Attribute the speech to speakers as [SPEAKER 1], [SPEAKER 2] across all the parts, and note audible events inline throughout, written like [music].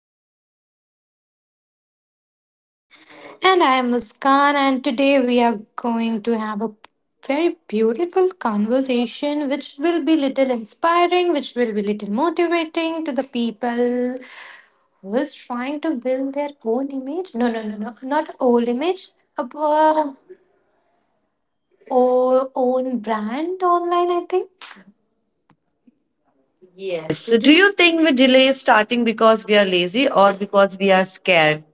[SPEAKER 1] Podcast. I'm Deepika.
[SPEAKER 2] And I am Muskan, and today we are going to have a very beautiful conversation, which will be little inspiring, which will be little motivating to the people who is trying to build their own image. No, no, no, no, not old image, a uh, own brand online, I think.
[SPEAKER 1] Yes.
[SPEAKER 2] Yes, so
[SPEAKER 1] So
[SPEAKER 2] do
[SPEAKER 1] do
[SPEAKER 2] you?
[SPEAKER 1] you think we delay starting because we are lazy or because we are scared?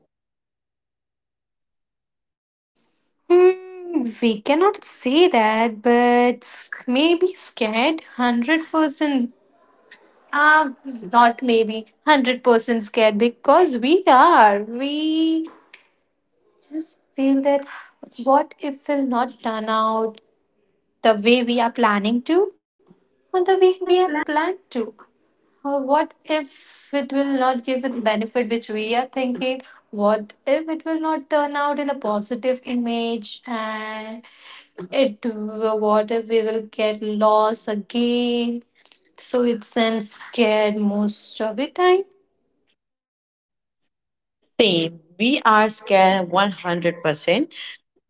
[SPEAKER 2] We cannot say that, but maybe scared 100%. Um, Not maybe 100% scared because we are. We just feel that what if will not turn out the way we are planning to, or the way we have planned to. What if it will not give the benefit which we are thinking? What if it will not turn out in a positive image? And what if we will get lost again? So it sends scared most of the time.
[SPEAKER 1] Same. We are scared 100%,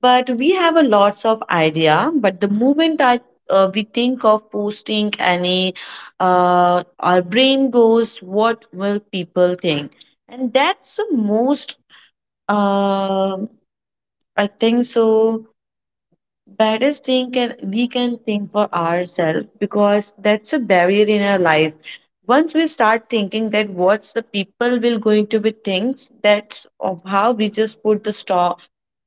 [SPEAKER 1] but we have a lots of idea. But the moment I we think of posting any, our brain goes, what will people think? And that's the most, uh, I think so, baddest thing can we can think for ourselves because that's a barrier in our life. Once we start thinking that what's the people will going to be thinks, that's of how we just put the stop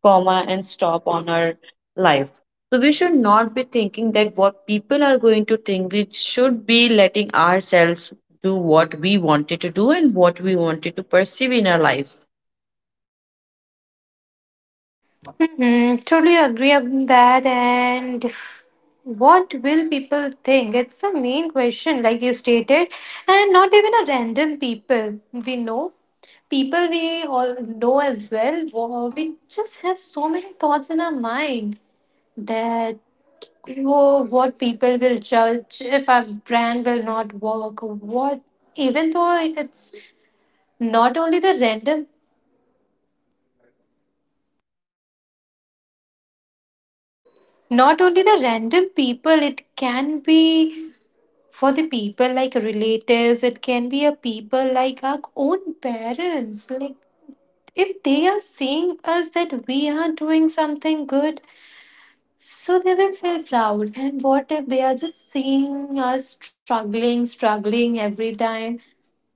[SPEAKER 1] comma and stop on our life. So we should not be thinking that what people are going to think. We should be letting ourselves do what we wanted to do and what we wanted to perceive in our life.
[SPEAKER 2] Totally agree on that. And what will people think? It's a main question, like you stated, and not even a random people we know. People we all know as well. We just have so many thoughts in our mind that, oh, what people will judge if our brand will not work. What, even though it's not only the random, not only the random people, it can be for the people like relatives, it can be a people like our own parents. Like if they are seeing us that we are doing something good, so they will feel proud. And what if they are just seeing us struggling, struggling every time?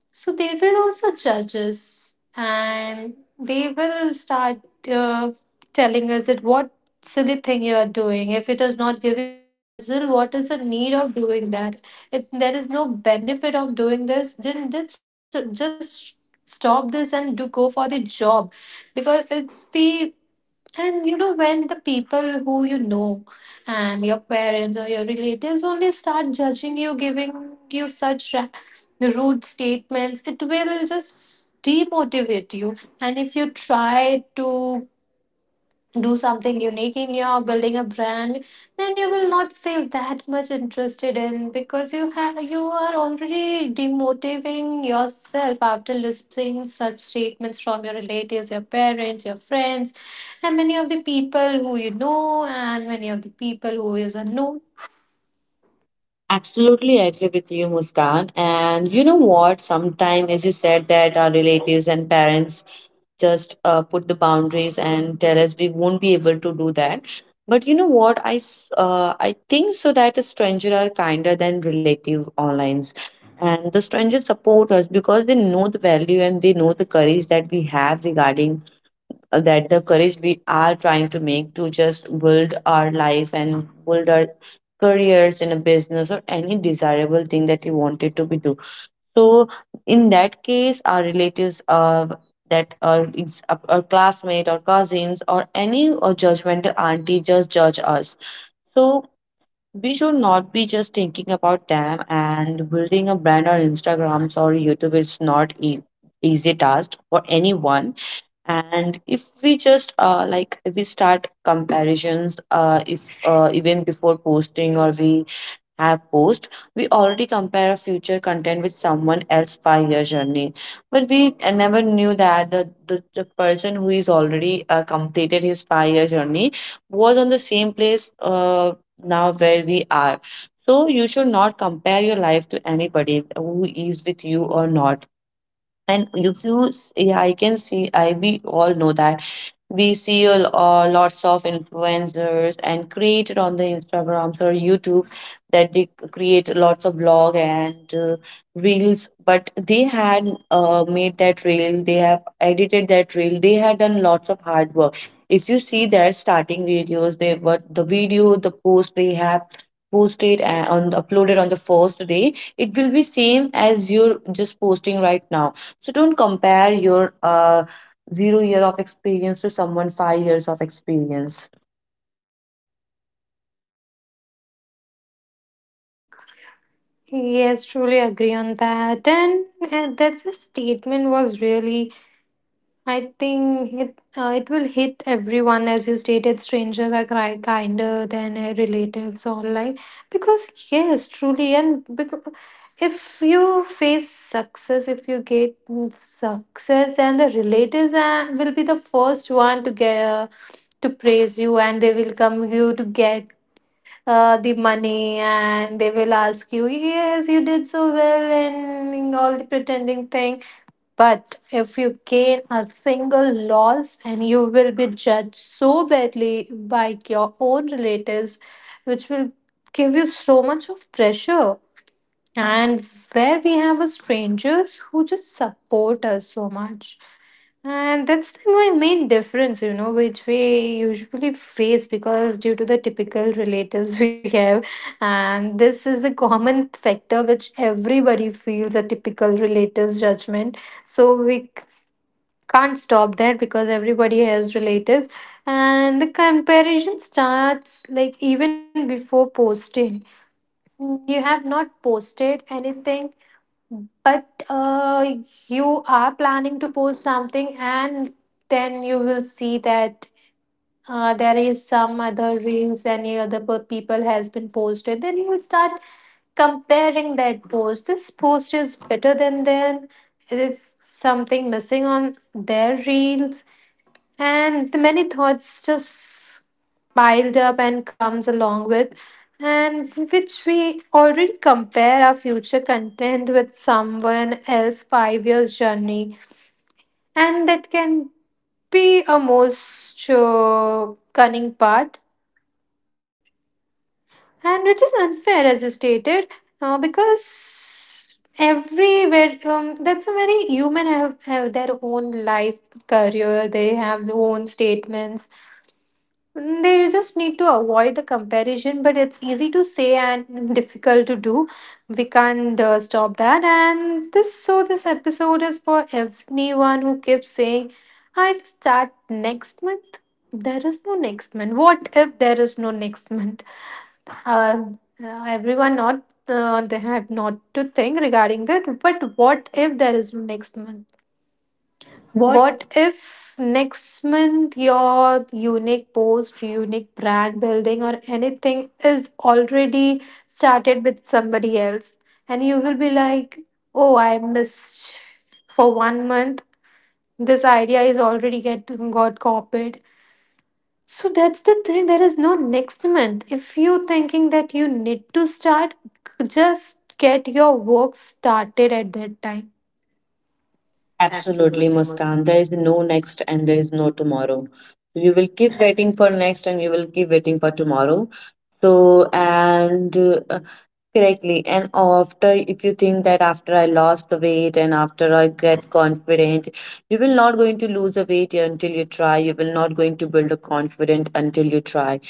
[SPEAKER 2] So they will also judge us, and they will start uh, telling us that what silly thing you are doing. If it is not giving you result, what is the need of doing that? If there is no benefit of doing this, then just stop this and do go for the job, because it's the, and you know, when the people who you know and your parents or your relatives only start judging you, giving you such rude statements, it will just demotivate you. And if you try to do something unique in your building a brand, then you will not feel that much interested in, because you have, you are already demotivating yourself after listening such statements from your relatives, your parents, your friends, and many of the people who you know, and many of the people who is unknown.
[SPEAKER 1] Absolutely agree with you, Muskan. And you know what? Sometimes, as you said, that our relatives and parents just put the boundaries and tell us we won't be able to do that. But you know what? I think so that a stranger are kinder than relative online, and the strangers support us because they know the value and they know the courage that we have regarding that the courage we are trying to make to just build our life and build our careers in a business or any desirable thing that you wanted to be do. So in that case our relatives our classmate or cousins or any or judgmental auntie just judge us. So we should not be just thinking about them, and building a brand on Instagrams or YouTube it's not e- easy task for anyone. And if we just like if we start comparisons if even before posting or we have post, we already compare our future content with someone else 5 year journey. But we never knew that the person who is already completed his 5 year journey was on the same place now where we are. So you should not compare your life to anybody who is with you or not. And if you s- yeah, I can see I we all know that we see lots of influencers and created on the Instagrams or YouTube, that create lots of blog and reels. But they had made that reel, they have edited that reel, they had done lots of hard work. If you see their starting videos they what the video the post they have posted and on uploaded on the first day, it will be same as you're just posting right now. So don't compare your zero year of experience to someone 5 years of experience.
[SPEAKER 2] Yes, truly agree on that, and that statement was really, I think it will hit everyone. As you stated, strangers are kinder than relatives online, because yes, truly. And because if you face success, if you get success, then the relatives will be the first one to get to praise you, and they will come you to get the money, and they will ask you, yes, you did so well, and all the pretending things. But if you gain a single loss, and you will be judged so badly by your own relatives, which will give you so much of pressure. And where we have a strangers who just support us so much. And that's the my main difference, you know, which we usually face because due to the typical relatives [laughs] we have. And this is a common factor which everybody feels, a typical relatives judgment. So we can't stop that, because everybody has relatives. And the comparison starts like even before posting. You have not posted anything, but you are planning to post something, and then you will see that there is some other reels, any other people has been posted. Then you will start comparing that post, this post is better than them, is something missing on their reels. And the many thoughts just piled up and comes along with. And which we already compare our future content with someone else 5 years journey. And that can be a most cunning part, and which is unfair, as you stated, because everywhere that's a very human have their own life, career, they have their own statements. They just need to avoid the comparison, but it's easy to say and difficult to do. We can't stop that. And this, so this episode is for anyone who keeps saying, "I'll start next month." There is no next month. What if there is no next month? Uh, Everyone not they have not to think regarding that. But what if there is no next month? What if next month your unique post, unique brand building, or anything is already started with somebody else? And you will be like, oh, I missed for 1 month. This idea is already get got copied. So that's the thing. There is no next month. If you thinking that you need to start, just get your work started at that time.
[SPEAKER 1] Absolutely,
[SPEAKER 2] Absolutely.
[SPEAKER 1] Muskan. There is no next and there is no tomorrow. You will keep waiting for next and you will keep waiting for tomorrow. So, and correctly. And after, if you think that after I lost the weight and after I get confident, you will not going to lose the weight until you try. You will not going to build a confident until you try.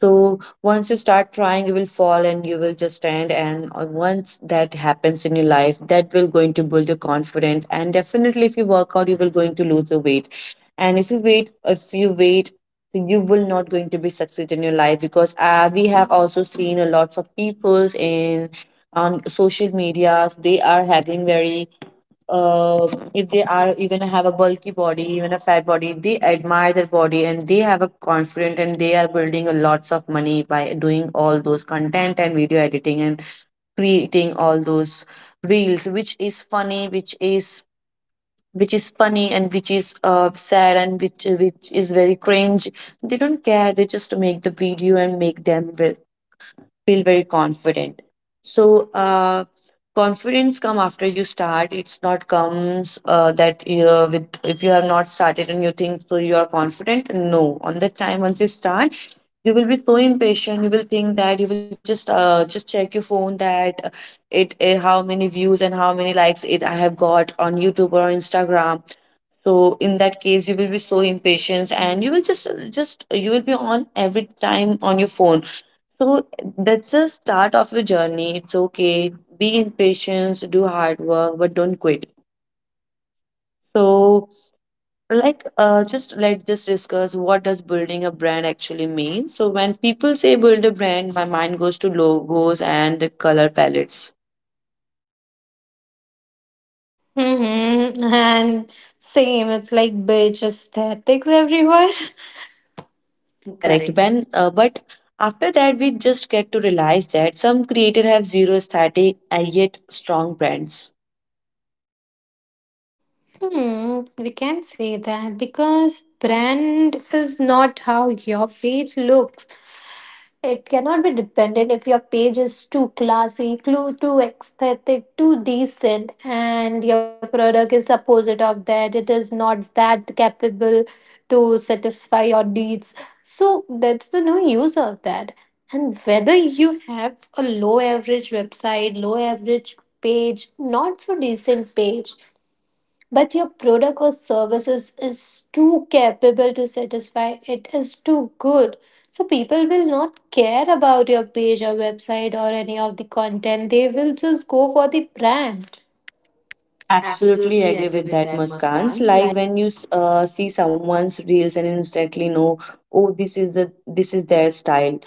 [SPEAKER 1] So once you start trying, you will fall and you will just stand. And once that happens in your life, that will going to build your confident. And definitely, if you work out, you will going to lose the weight. And if you wait, then you will not going to be succeed in your life, because we have also seen a lots of peoples in on social media. They are having very uh, if they are even have a bulky body, even a fat body, they admire their body and they have a confident, and they are building a lots of money by doing all those content and video editing and creating all those reels, which is funny, which is funny and which is sad and which is very cringe. They don't care, they just make the video and feel very confident. So uh, confidence come after you start. It's not comes that with if you have not started and you think so you are confident, no, on that time once you start you will be so impatient. You will think that you will just check your phone that it how many views and how many likes it I have got on YouTube or on Instagram. So in that case you will be so impatient and you will just you will be on every time on your phone. So that's a start of your journey. It's okay, be impatient, do hard work, but don't quit. So like just let us just discuss, what does building a brand actually mean? So when people say build a brand, my mind goes to logos and the color palettes.
[SPEAKER 2] Mm-hmm. And same, it's like bitch aesthetics everywhere.
[SPEAKER 1] Correct,
[SPEAKER 2] Correct.
[SPEAKER 1] Ben. But after that, we just get to realize that some creators have zero aesthetic and yet strong brands.
[SPEAKER 2] We can say that because brand is not how your page looks. It cannot be dependent if your page is too classy, too aesthetic, too decent, and your product is opposite of that. It is not that capable to satisfy your needs. So that's the no use of that. And whether you have a low average website, low average page, not so decent page, but your product or services is too capable to satisfy, it is too good, so people will not care about your page or website or any of the content. They will just go for the brand.
[SPEAKER 1] Absolutely
[SPEAKER 2] Absolutely
[SPEAKER 1] agree
[SPEAKER 2] agree
[SPEAKER 1] with
[SPEAKER 2] with
[SPEAKER 1] that,
[SPEAKER 2] that,
[SPEAKER 1] Muskans.
[SPEAKER 2] Muskans. Like,
[SPEAKER 1] Like when you see someone's reels and instantly know, oh, this is their style.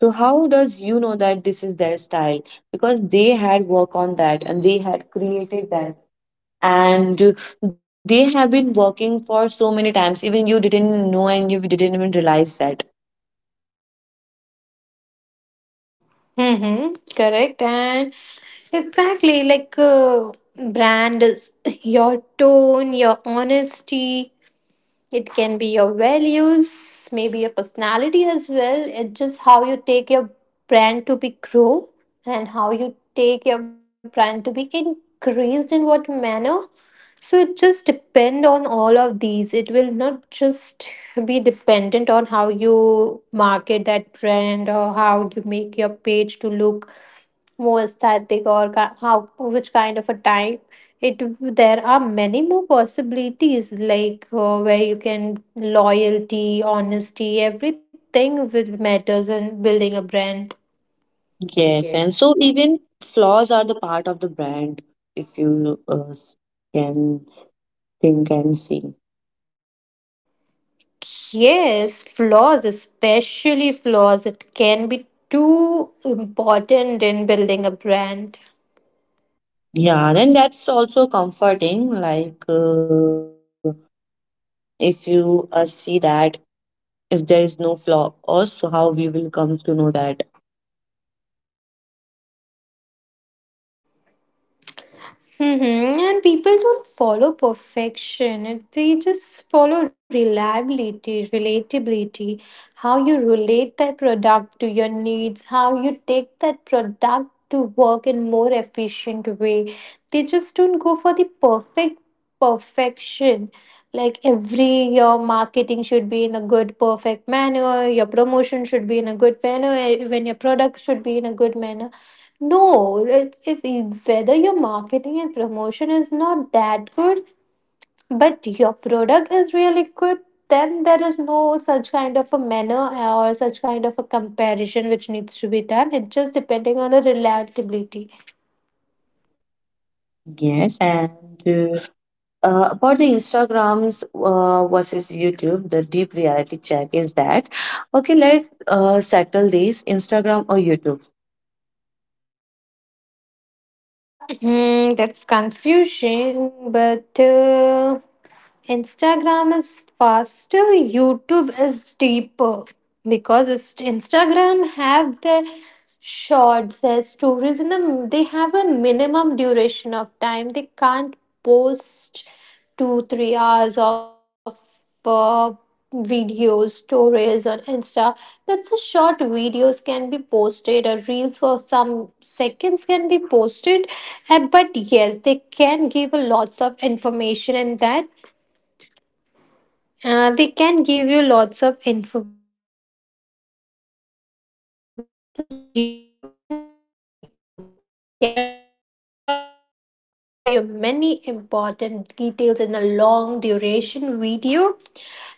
[SPEAKER 1] So how does you know that this is their style? Because they had work on that and they had created that. And they have been working for so many times, even you didn't know and you didn't even realize that.
[SPEAKER 2] mm-hmm, correct. And exactly like brand is your tone, your honesty. It can be your values, maybe your personality as well. It's just how you take your brand to be grow, and how you take your brand to be increased in what manner. So it just depend on all of these. It will not just be dependent on how you market that brand, or how you make your page to look more aesthetic, or how, which kind of a type it, there are many more possibilities, like where you can loyalty, honesty, everything which matters in building a brand.
[SPEAKER 1] Yes,
[SPEAKER 2] Yeah.
[SPEAKER 1] and so even flaws are the part of the brand, if you can think and see.
[SPEAKER 2] Yes, flaws, especially flaws, it can be too important in building a brand.
[SPEAKER 1] Yeah, then that's also comforting. Like if you see that, if there is no flaw, also how we will come to know that.
[SPEAKER 2] Mm-hmm. And people don't follow perfection. They just follow reliability, relatability, how you relate that product to your needs, how you take that product to work in more efficient way. They just don't go for the perfect perfection. Like every your marketing should be in a good perfect manner, your promotion should be in a good manner, even your product should be in a good manner. No, it, if whether your marketing and promotion is not that good, but your product is really good, then there is no such kind of a manner or such kind of a comparison which needs to be done. It's just depending on the reliability.
[SPEAKER 1] Yes, and uh, about the Instagrams versus YouTube, the deep reality check is that, okay, let's settle this, Instagram or YouTube.
[SPEAKER 2] That's confusion, but Instagram is faster, YouTube is deeper, because Instagram have their shorts, their stories, and the, they have a minimum duration of time. They can't post two, 3 hours of uh, videos, stories on Insta. That's a short videos can be posted, or reels for some seconds can be posted, but yes, they can give a lots of information in that. They can give you lots of information in that. But YouTube can be a depot. They can be for 2 hours. They can be for 4 hours. They can give you many important details in a long duration video,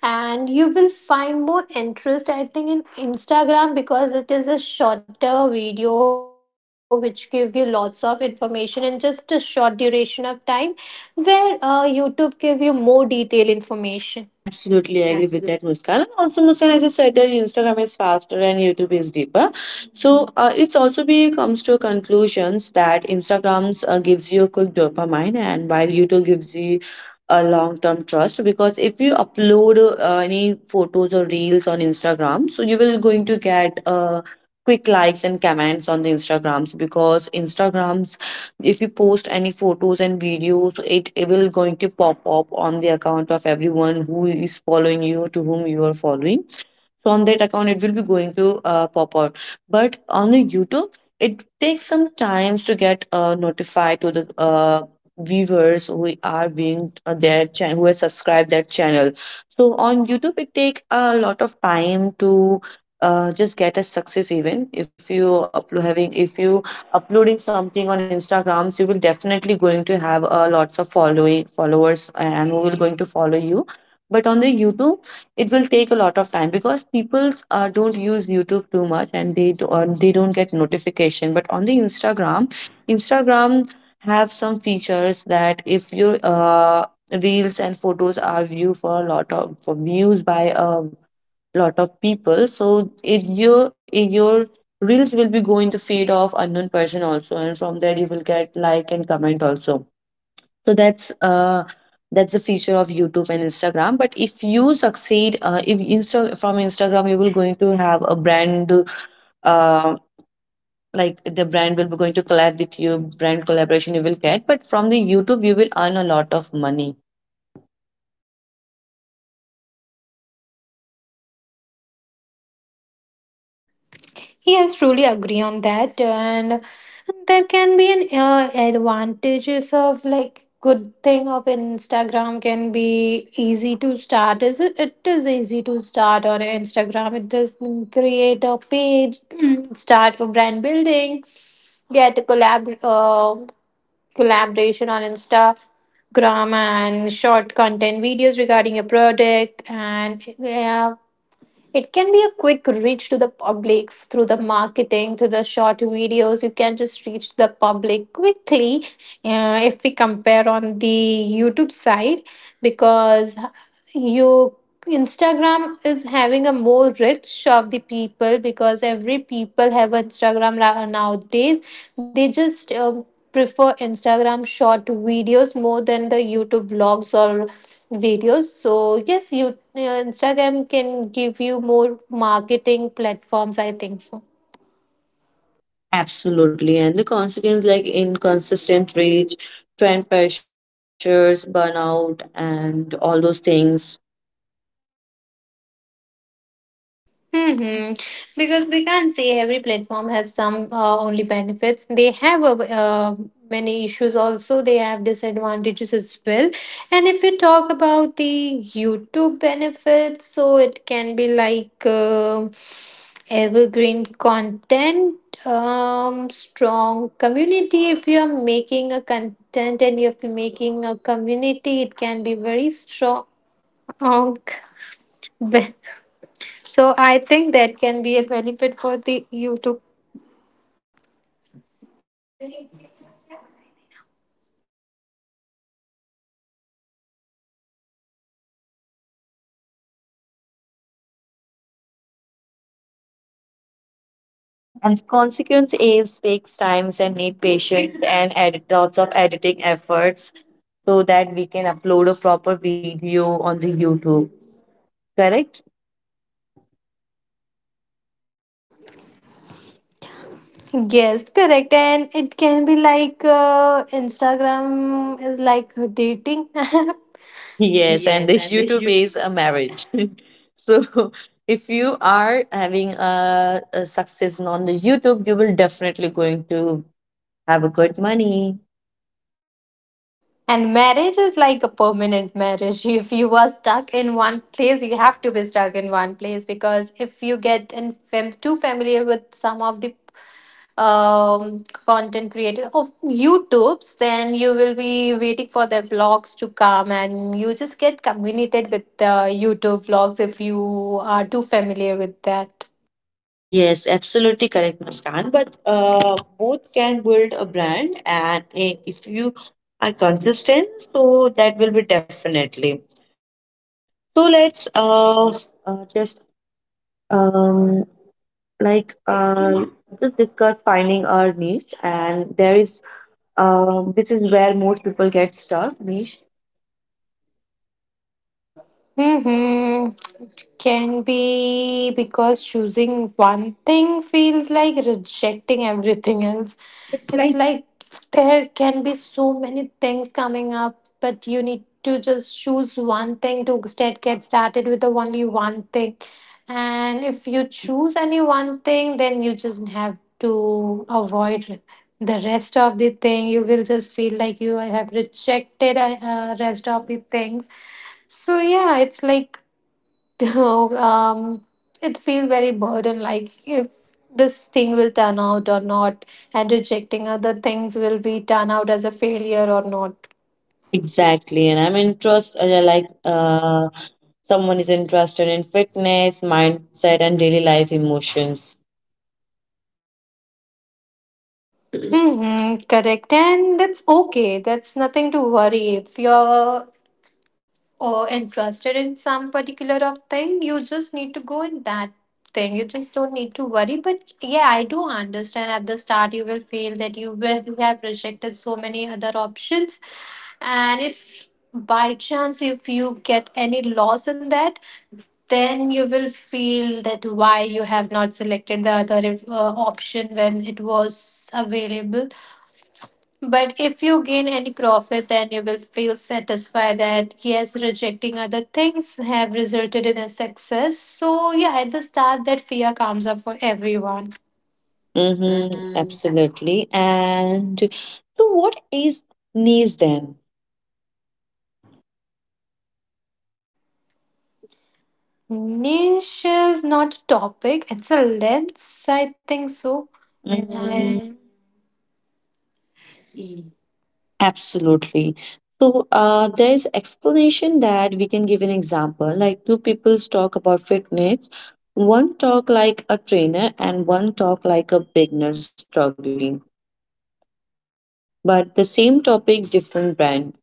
[SPEAKER 2] and you will find more interest, I think, in Instagram, because it is a shorter video which give you lots of information in just a short duration of time, where YouTube give you more detailed information. Absolutely.
[SPEAKER 1] Absolutely, I agree with that, Muskan. And also, Muskan, as I said, that Instagram is faster and YouTube is deeper. So it also be comes to conclusions that Instagrams gives you a quick dopamine, and while YouTube gives you a long-term trust. Because if you upload any photos or reels on Instagram, so you will going to get quick likes and comments on the Instagrams, because Instagrams if you post any photos and videos it will going to pop up on the account of everyone who is following you, to whom you are following, from that account it will be going to pop out. But on the YouTube it takes some times to get notified to the viewers who are being their channel, who have subscribed their channel. So on YouTube it take a lot of time to just get a success. Even if you upload having if you uploading something on Instagrams, you will definitely going to have lots of following followers and who will going to follow you. But on the YouTube, it will take a lot of time because people don't use YouTube too much, and they don't get notification. But on instagram have some features that if your reels and photos are viewed for a lot of for views by a lot of people, so it your reels will be going the feed of unknown person also, and from there you will get like and comment also. So that's the feature of YouTube and Instagram. But if you succeed, if Insta from Instagram you will going to have a brand, uh, like the brand will be going to collab with you, brand collaboration you will get. But from the YouTube you will earn a lot of money.
[SPEAKER 2] Yes, truly agree on that, and there can be an advantages of like good thing of Instagram can be easy to start. Is it? It is easy to start on Instagram. It does create a page, [clears throat] start for brand building, get a collaboration on Instagram, and short content videos regarding a product and, yeah, it can be a quick reach to the public through the marketing, through the short videos. You can just reach the public quickly, if we compare on the YouTube side, because you, Instagram is having a more reach of the people, because every people have Instagram nowadays. They just prefer Instagram short videos more than the YouTube vlogs or videos. So yes, Instagram can give you more marketing platforms, I think so.
[SPEAKER 1] Absolutely, and the consequence like inconsistent reach, trend pressures, burnout, and all those things.
[SPEAKER 2] hmm Because we can't say every platform has some only benefits. They have uh, many issues also. They have disadvantages as well. And if we talk about the YouTube benefits, so it can be like evergreen content, strong community. If you are making a content and if you're making a community, it can be very strong [laughs] So I think that can be a benefit for the you to
[SPEAKER 1] And the consequence is takes times and need patience and edit lots of editing efforts, so that we can upload a proper video on the YouTube. Correct?
[SPEAKER 2] guess correct, and it can be like Instagram is like a dating app. [laughs]
[SPEAKER 1] Yes, and
[SPEAKER 2] Yes,
[SPEAKER 1] the
[SPEAKER 2] and the
[SPEAKER 1] YouTube
[SPEAKER 2] YouTube.
[SPEAKER 1] is a marriage. [laughs] So [laughs] if you are having a success on the YouTube, you will definitely going to have a good money.
[SPEAKER 2] And marriage is like a permanent marriage. If you are stuck in one place, you have to be stuck in one place because if you get in too familiar with some of the content creator of YouTubes, then you will be waiting for their vlogs to come and you just get communicated with the YouTube vlogs if you are too familiar with that.
[SPEAKER 1] Yes, absolutely correct, Muskan. But both can build a brand, and eh, if you are consistent, so that will be definitely. So let's uh just um like uh, just discuss finding our niche. And there is this is where most people get stuck, niche.
[SPEAKER 2] Mm-hmm. It can be because choosing one thing feels like rejecting everything else. It's like there can be so many things coming up, but you need to just choose one thing to instead get started with the only one thing. And if you choose any one thing, then you just have to avoid the rest of the thing. You will just feel like you have rejected rest of the things so yeah, it's like [laughs] you know, um, it feels very burden like if this thing will turn out or not, and rejecting other things will be turn out as a failure or not.
[SPEAKER 1] Exactly, and I'm interested, like someone is interested in fitness, mindset, and daily life emotions.
[SPEAKER 2] Mm-hmm, correct, and that's okay. That's nothing to worry. If you're or interested in some particular of thing, you just need to go in that thing, you just don't need to worry, but yeah, I do understand at the start you will feel that you have rejected so many other options, and if by chance if you get any loss in that, then you will feel that why you have not selected the other option when it was available. But if you gain any profit, then you will feel satisfied that yes, rejecting other things have resulted in a success. So, yeah, at the start, that fear comes up for everyone.
[SPEAKER 1] Mm-hmm,
[SPEAKER 2] Mm-hmm.
[SPEAKER 1] absolutely. And so, what is niche then?
[SPEAKER 2] Niche is not a topic, it's a lens, I think
[SPEAKER 1] so
[SPEAKER 2] so.
[SPEAKER 1] Mhm.
[SPEAKER 2] And
[SPEAKER 1] Absolutely. So there's explanation that we can give an example. Like two people talk about fitness. One talk like a trainer and one talk like a beginner struggling. But the same topic, different brand.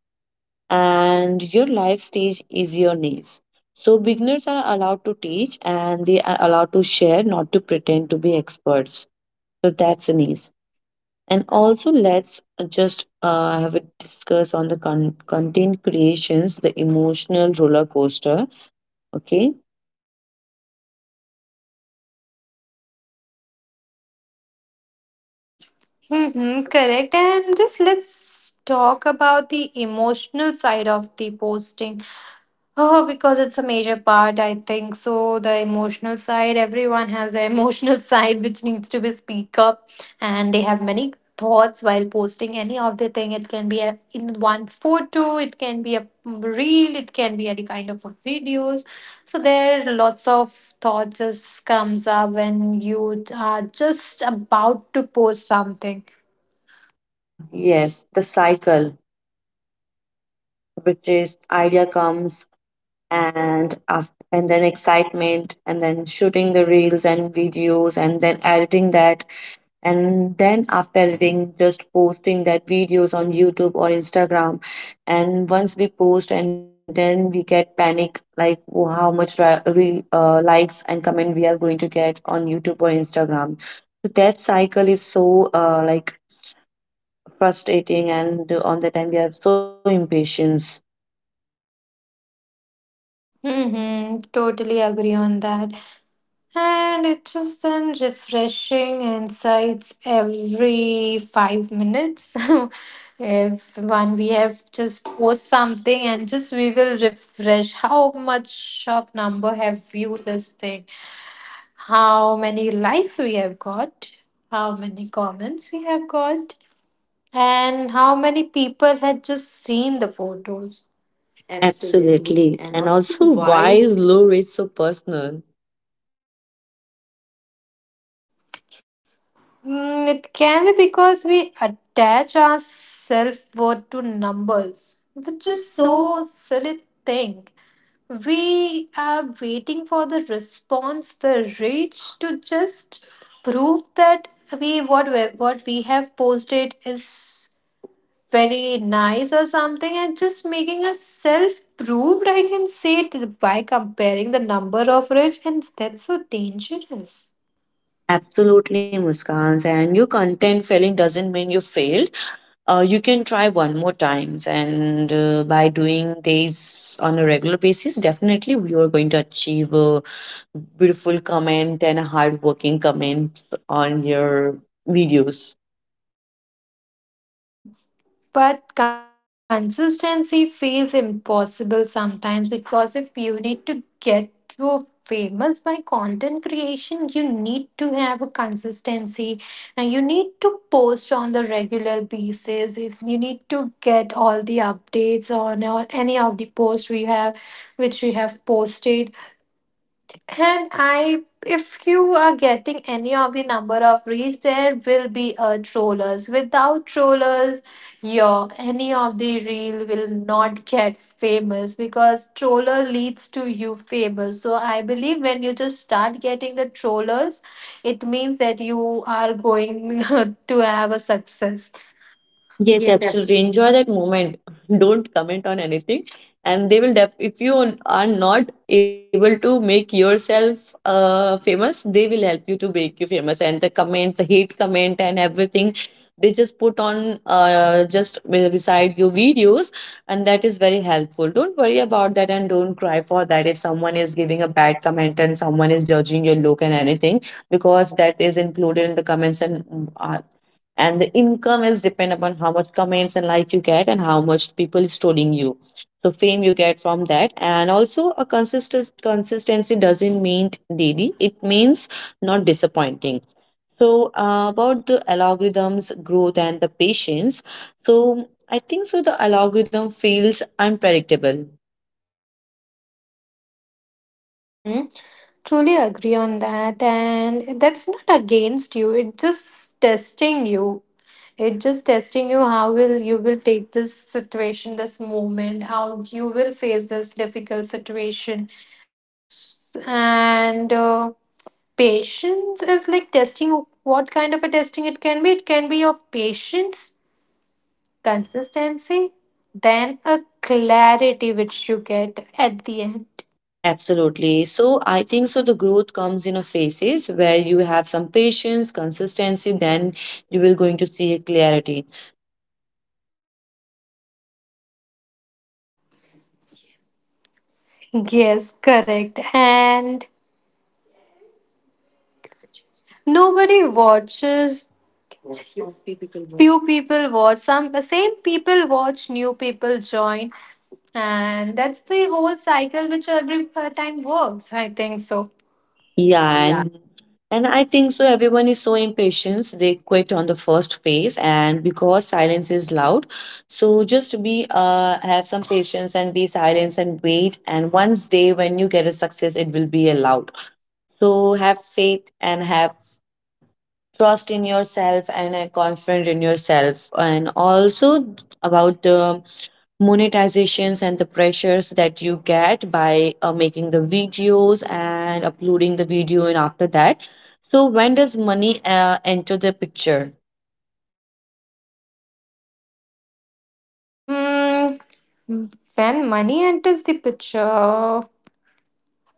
[SPEAKER 1] And your life stage is your niche. Beginners are allowed to teach and they are allowed to share, not to pretend to be experts. So that's a niche. And also, let's just have a discuss on the content creations, the emotional roller coaster. Okay.
[SPEAKER 2] Mm-hmm, correct. And just let's talk about the emotional side of the posting. Oh, because it's a major part, I think. So the emotional side, everyone has an emotional [laughs] side which needs to be speak up, and they have many thoughts while posting any of the thing. It can be a, in one photo, it can be a reel, it can be any kind of videos. So there are lots of thoughts just comes up when you are just about to post something.
[SPEAKER 1] Ah, yes, the cycle, which is idea comes and and then excitement, and then shooting the reels and videos, and then editing that, and then after editing just posting that videos on YouTube or Instagram. And once we post and then we get panic like, "Oh, how much likes and comment we are going to get on YouTube or Instagram?" So that cycle is so like frustrating, and on the time we are so impatient.
[SPEAKER 2] Mm-hmm, totally agree on that. And it is then refreshing insights every 5 minutes. [laughs] if one we have just post something and just we will refresh how much of number have viewed this thing, how many likes we have got, how many comments we have got, and how many people had just seen the photos. Absolutely.
[SPEAKER 1] Absolutely. And
[SPEAKER 2] And also,
[SPEAKER 1] also, why
[SPEAKER 2] why
[SPEAKER 1] is
[SPEAKER 2] is
[SPEAKER 1] low
[SPEAKER 2] low
[SPEAKER 1] rate so personal?
[SPEAKER 2] Mm, it can be because we attach our self worth to numbers, which is so silly thing. We are waiting for the response, the reach to just prove that what we have posted is very nice or something, and just making us self proved. I can say it by comparing the number of reach, and that's so dangerous.
[SPEAKER 1] Absolutely, Muskans. And your content failing doesn't mean you failed. You can try one more times, and by doing this on a regular basis, definitely you are going to achieve a beautiful comment and a hardworking comments on your videos.
[SPEAKER 2] But consistency feels impossible sometimes because if you need to get to famous by content creation, you need to have a consistency and you need to post on the regular basis. If you need to get all the updates on or any of the posts we have, which we have posted, and I, if you are getting any of the number of reach, there will be a trollers. Without trollers, your any of the reel will not get famous because troller leads to you famous. So I believe when you just start getting the trollers, it means that you are going [laughs] to have a success.
[SPEAKER 1] Yes, absolutely.
[SPEAKER 2] Yes,
[SPEAKER 1] Enjoy that moment. [laughs] Don't comment on anything. And they will def if you are not able to make yourself famous, they will help you to make you famous. And the comment, the hate comment and everything, they just put on just beside your videos, and that is very helpful. Don't worry about that and don't cry for that if someone is giving a bad comment and someone is judging your look and anything, because that is included in the comments and and the income is depend upon how much comments and likes you get and how much people is trolling you. So fame you get from that. And also a consistent consistency doesn't mean daily, it means not disappointing. So about the algorithms growth and the patience, so I think so the algorithm feels unpredictable.
[SPEAKER 2] absolutely. Mm-hmm. Truly agree on that, and that's not against you, it's just testing you. It just testing you how will you will take this situation, this moment, how you will face this difficult situation, S- and patience is like testing what kind of a testing it can be. It can be of patience, consistency, then a clarity which you get at the end. [laughs]
[SPEAKER 1] Absolutely. So I think so the growth comes in a phases where you have some patience, consistency, then you will going to see a clarity.
[SPEAKER 2] Yes, correct. And nobody watches Few people watch, some same people watch, new people join, and that's the whole cycle which every time works. I think so.
[SPEAKER 1] Yeah, and I think so. Everyone is so impatient; they quit on the first phase, and because silence is loud, so just be have some patience and be silent and wait. And once day when you get a success, it will be allowed. So have faith and have trust in yourself and confident in yourself, and also about the monetizations and the pressures that you get by making the videos and uploading the video, and after that, so when does money enter the picture?
[SPEAKER 2] Hmm. When money enters the picture,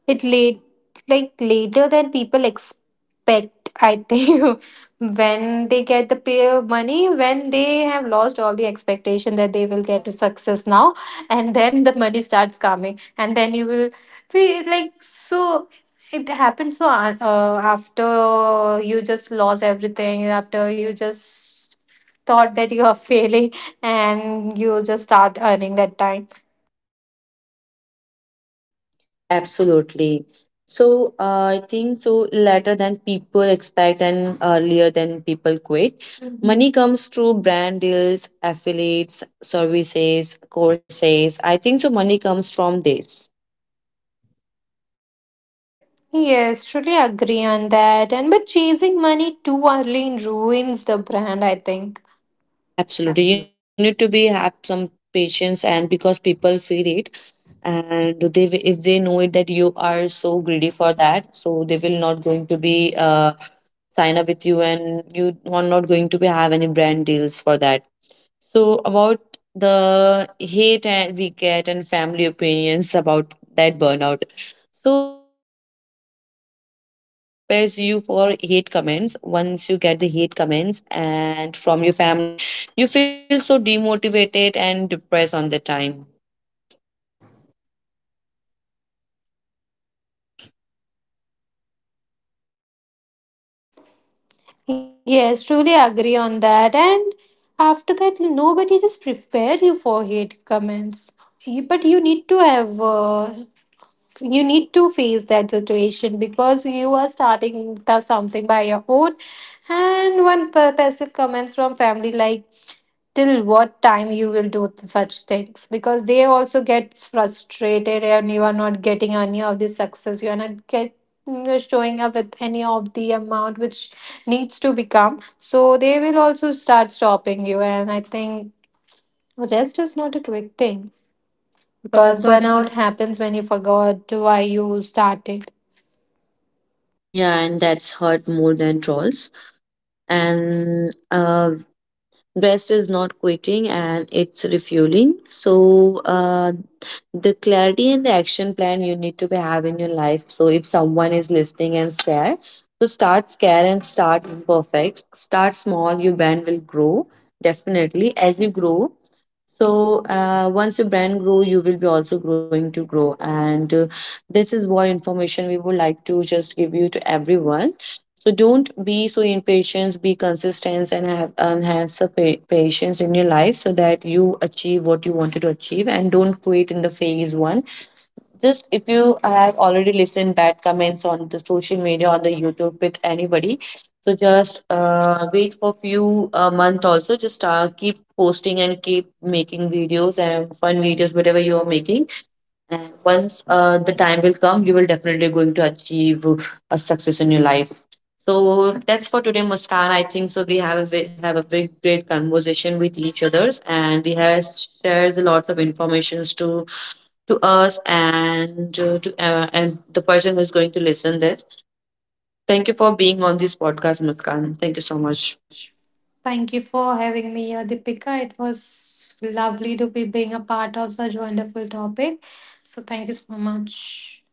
[SPEAKER 2] It late like later than people expect, I think. [laughs] when they get the pay of money, when they have lost all the expectation that they will get a success now, and then the money starts coming, and then you will feel like so. It happens so after you just lost everything, after you just thought that you are [laughs] failing, and you just start earning that time
[SPEAKER 1] Later than people expect and earlier than people quit. Mhm. Money comes through brand deals, affiliates, services, courses. I think so. Money comes from this.
[SPEAKER 2] Yes, truly agree on that. And but chasing money too early ruins the brand, I think.
[SPEAKER 1] Absolutely, you
[SPEAKER 2] Absolutely.
[SPEAKER 1] need to be have some patience, and because people feel it, and they if they know it that you are so greedy for that, so they will not going to be sign up with you, and you are not going to be have any brand deals for that. So about the hate and we get and family opinions about that burnout. So I think so nobody prepares you for hate comments. Once you get the hate comments and from your family or from anybody, you feel so demotivated and depressed on the time.
[SPEAKER 2] Yes, truly agree on that. And after that, nobody just prepare you for hate comments. Y- But you need to have you need to face that situation because you are starting the something by your own, and one passive comments from family like till what time you will do such things, because they also get frustrated and you are not getting any of the success, you are not get, you're showing up with any of the amount which needs to become, so they will also start stopping you, and I think rest is not a quick thing
[SPEAKER 1] Because
[SPEAKER 2] because
[SPEAKER 1] burnout.
[SPEAKER 2] burnout happens when you forgot why you started.
[SPEAKER 1] Yeah, and that's hurt more than trolls. And rest is not quitting and it's refueling. So, the clarity and the action plan you need to be have in your life. So, if someone is listening and scared, so start scared and start imperfect. Start small, your brand will grow definitely as you grow. So, once your brand grow, you will be also growing to grow. And this is what information we would like to just give you to everyone. So don't be so impatient, be consistent and have enhance the patience in your life so that you achieve what you wanted to achieve, and don't quit in the phase one. Just if you have already listened bad comments on the social media on the YouTube with anybody, so just wait for few a month also. Just keep posting and keep making videos and fun videos, whatever you are making. And once the time will come, you will definitely going to achieve a success in your life. So that's for today, Muskan. I think so. We have a have a very great conversation with each others, and we have shared a lot of informations to us and to and the person who is going to listen this. Thank you for being on this podcast, Muskan. Thank you so much.
[SPEAKER 2] Thank you for having me here, Deepika. It was lovely to be being a part of such wonderful topic. So thank you so much.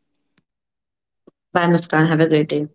[SPEAKER 1] Bye, Muskan. Have a great day.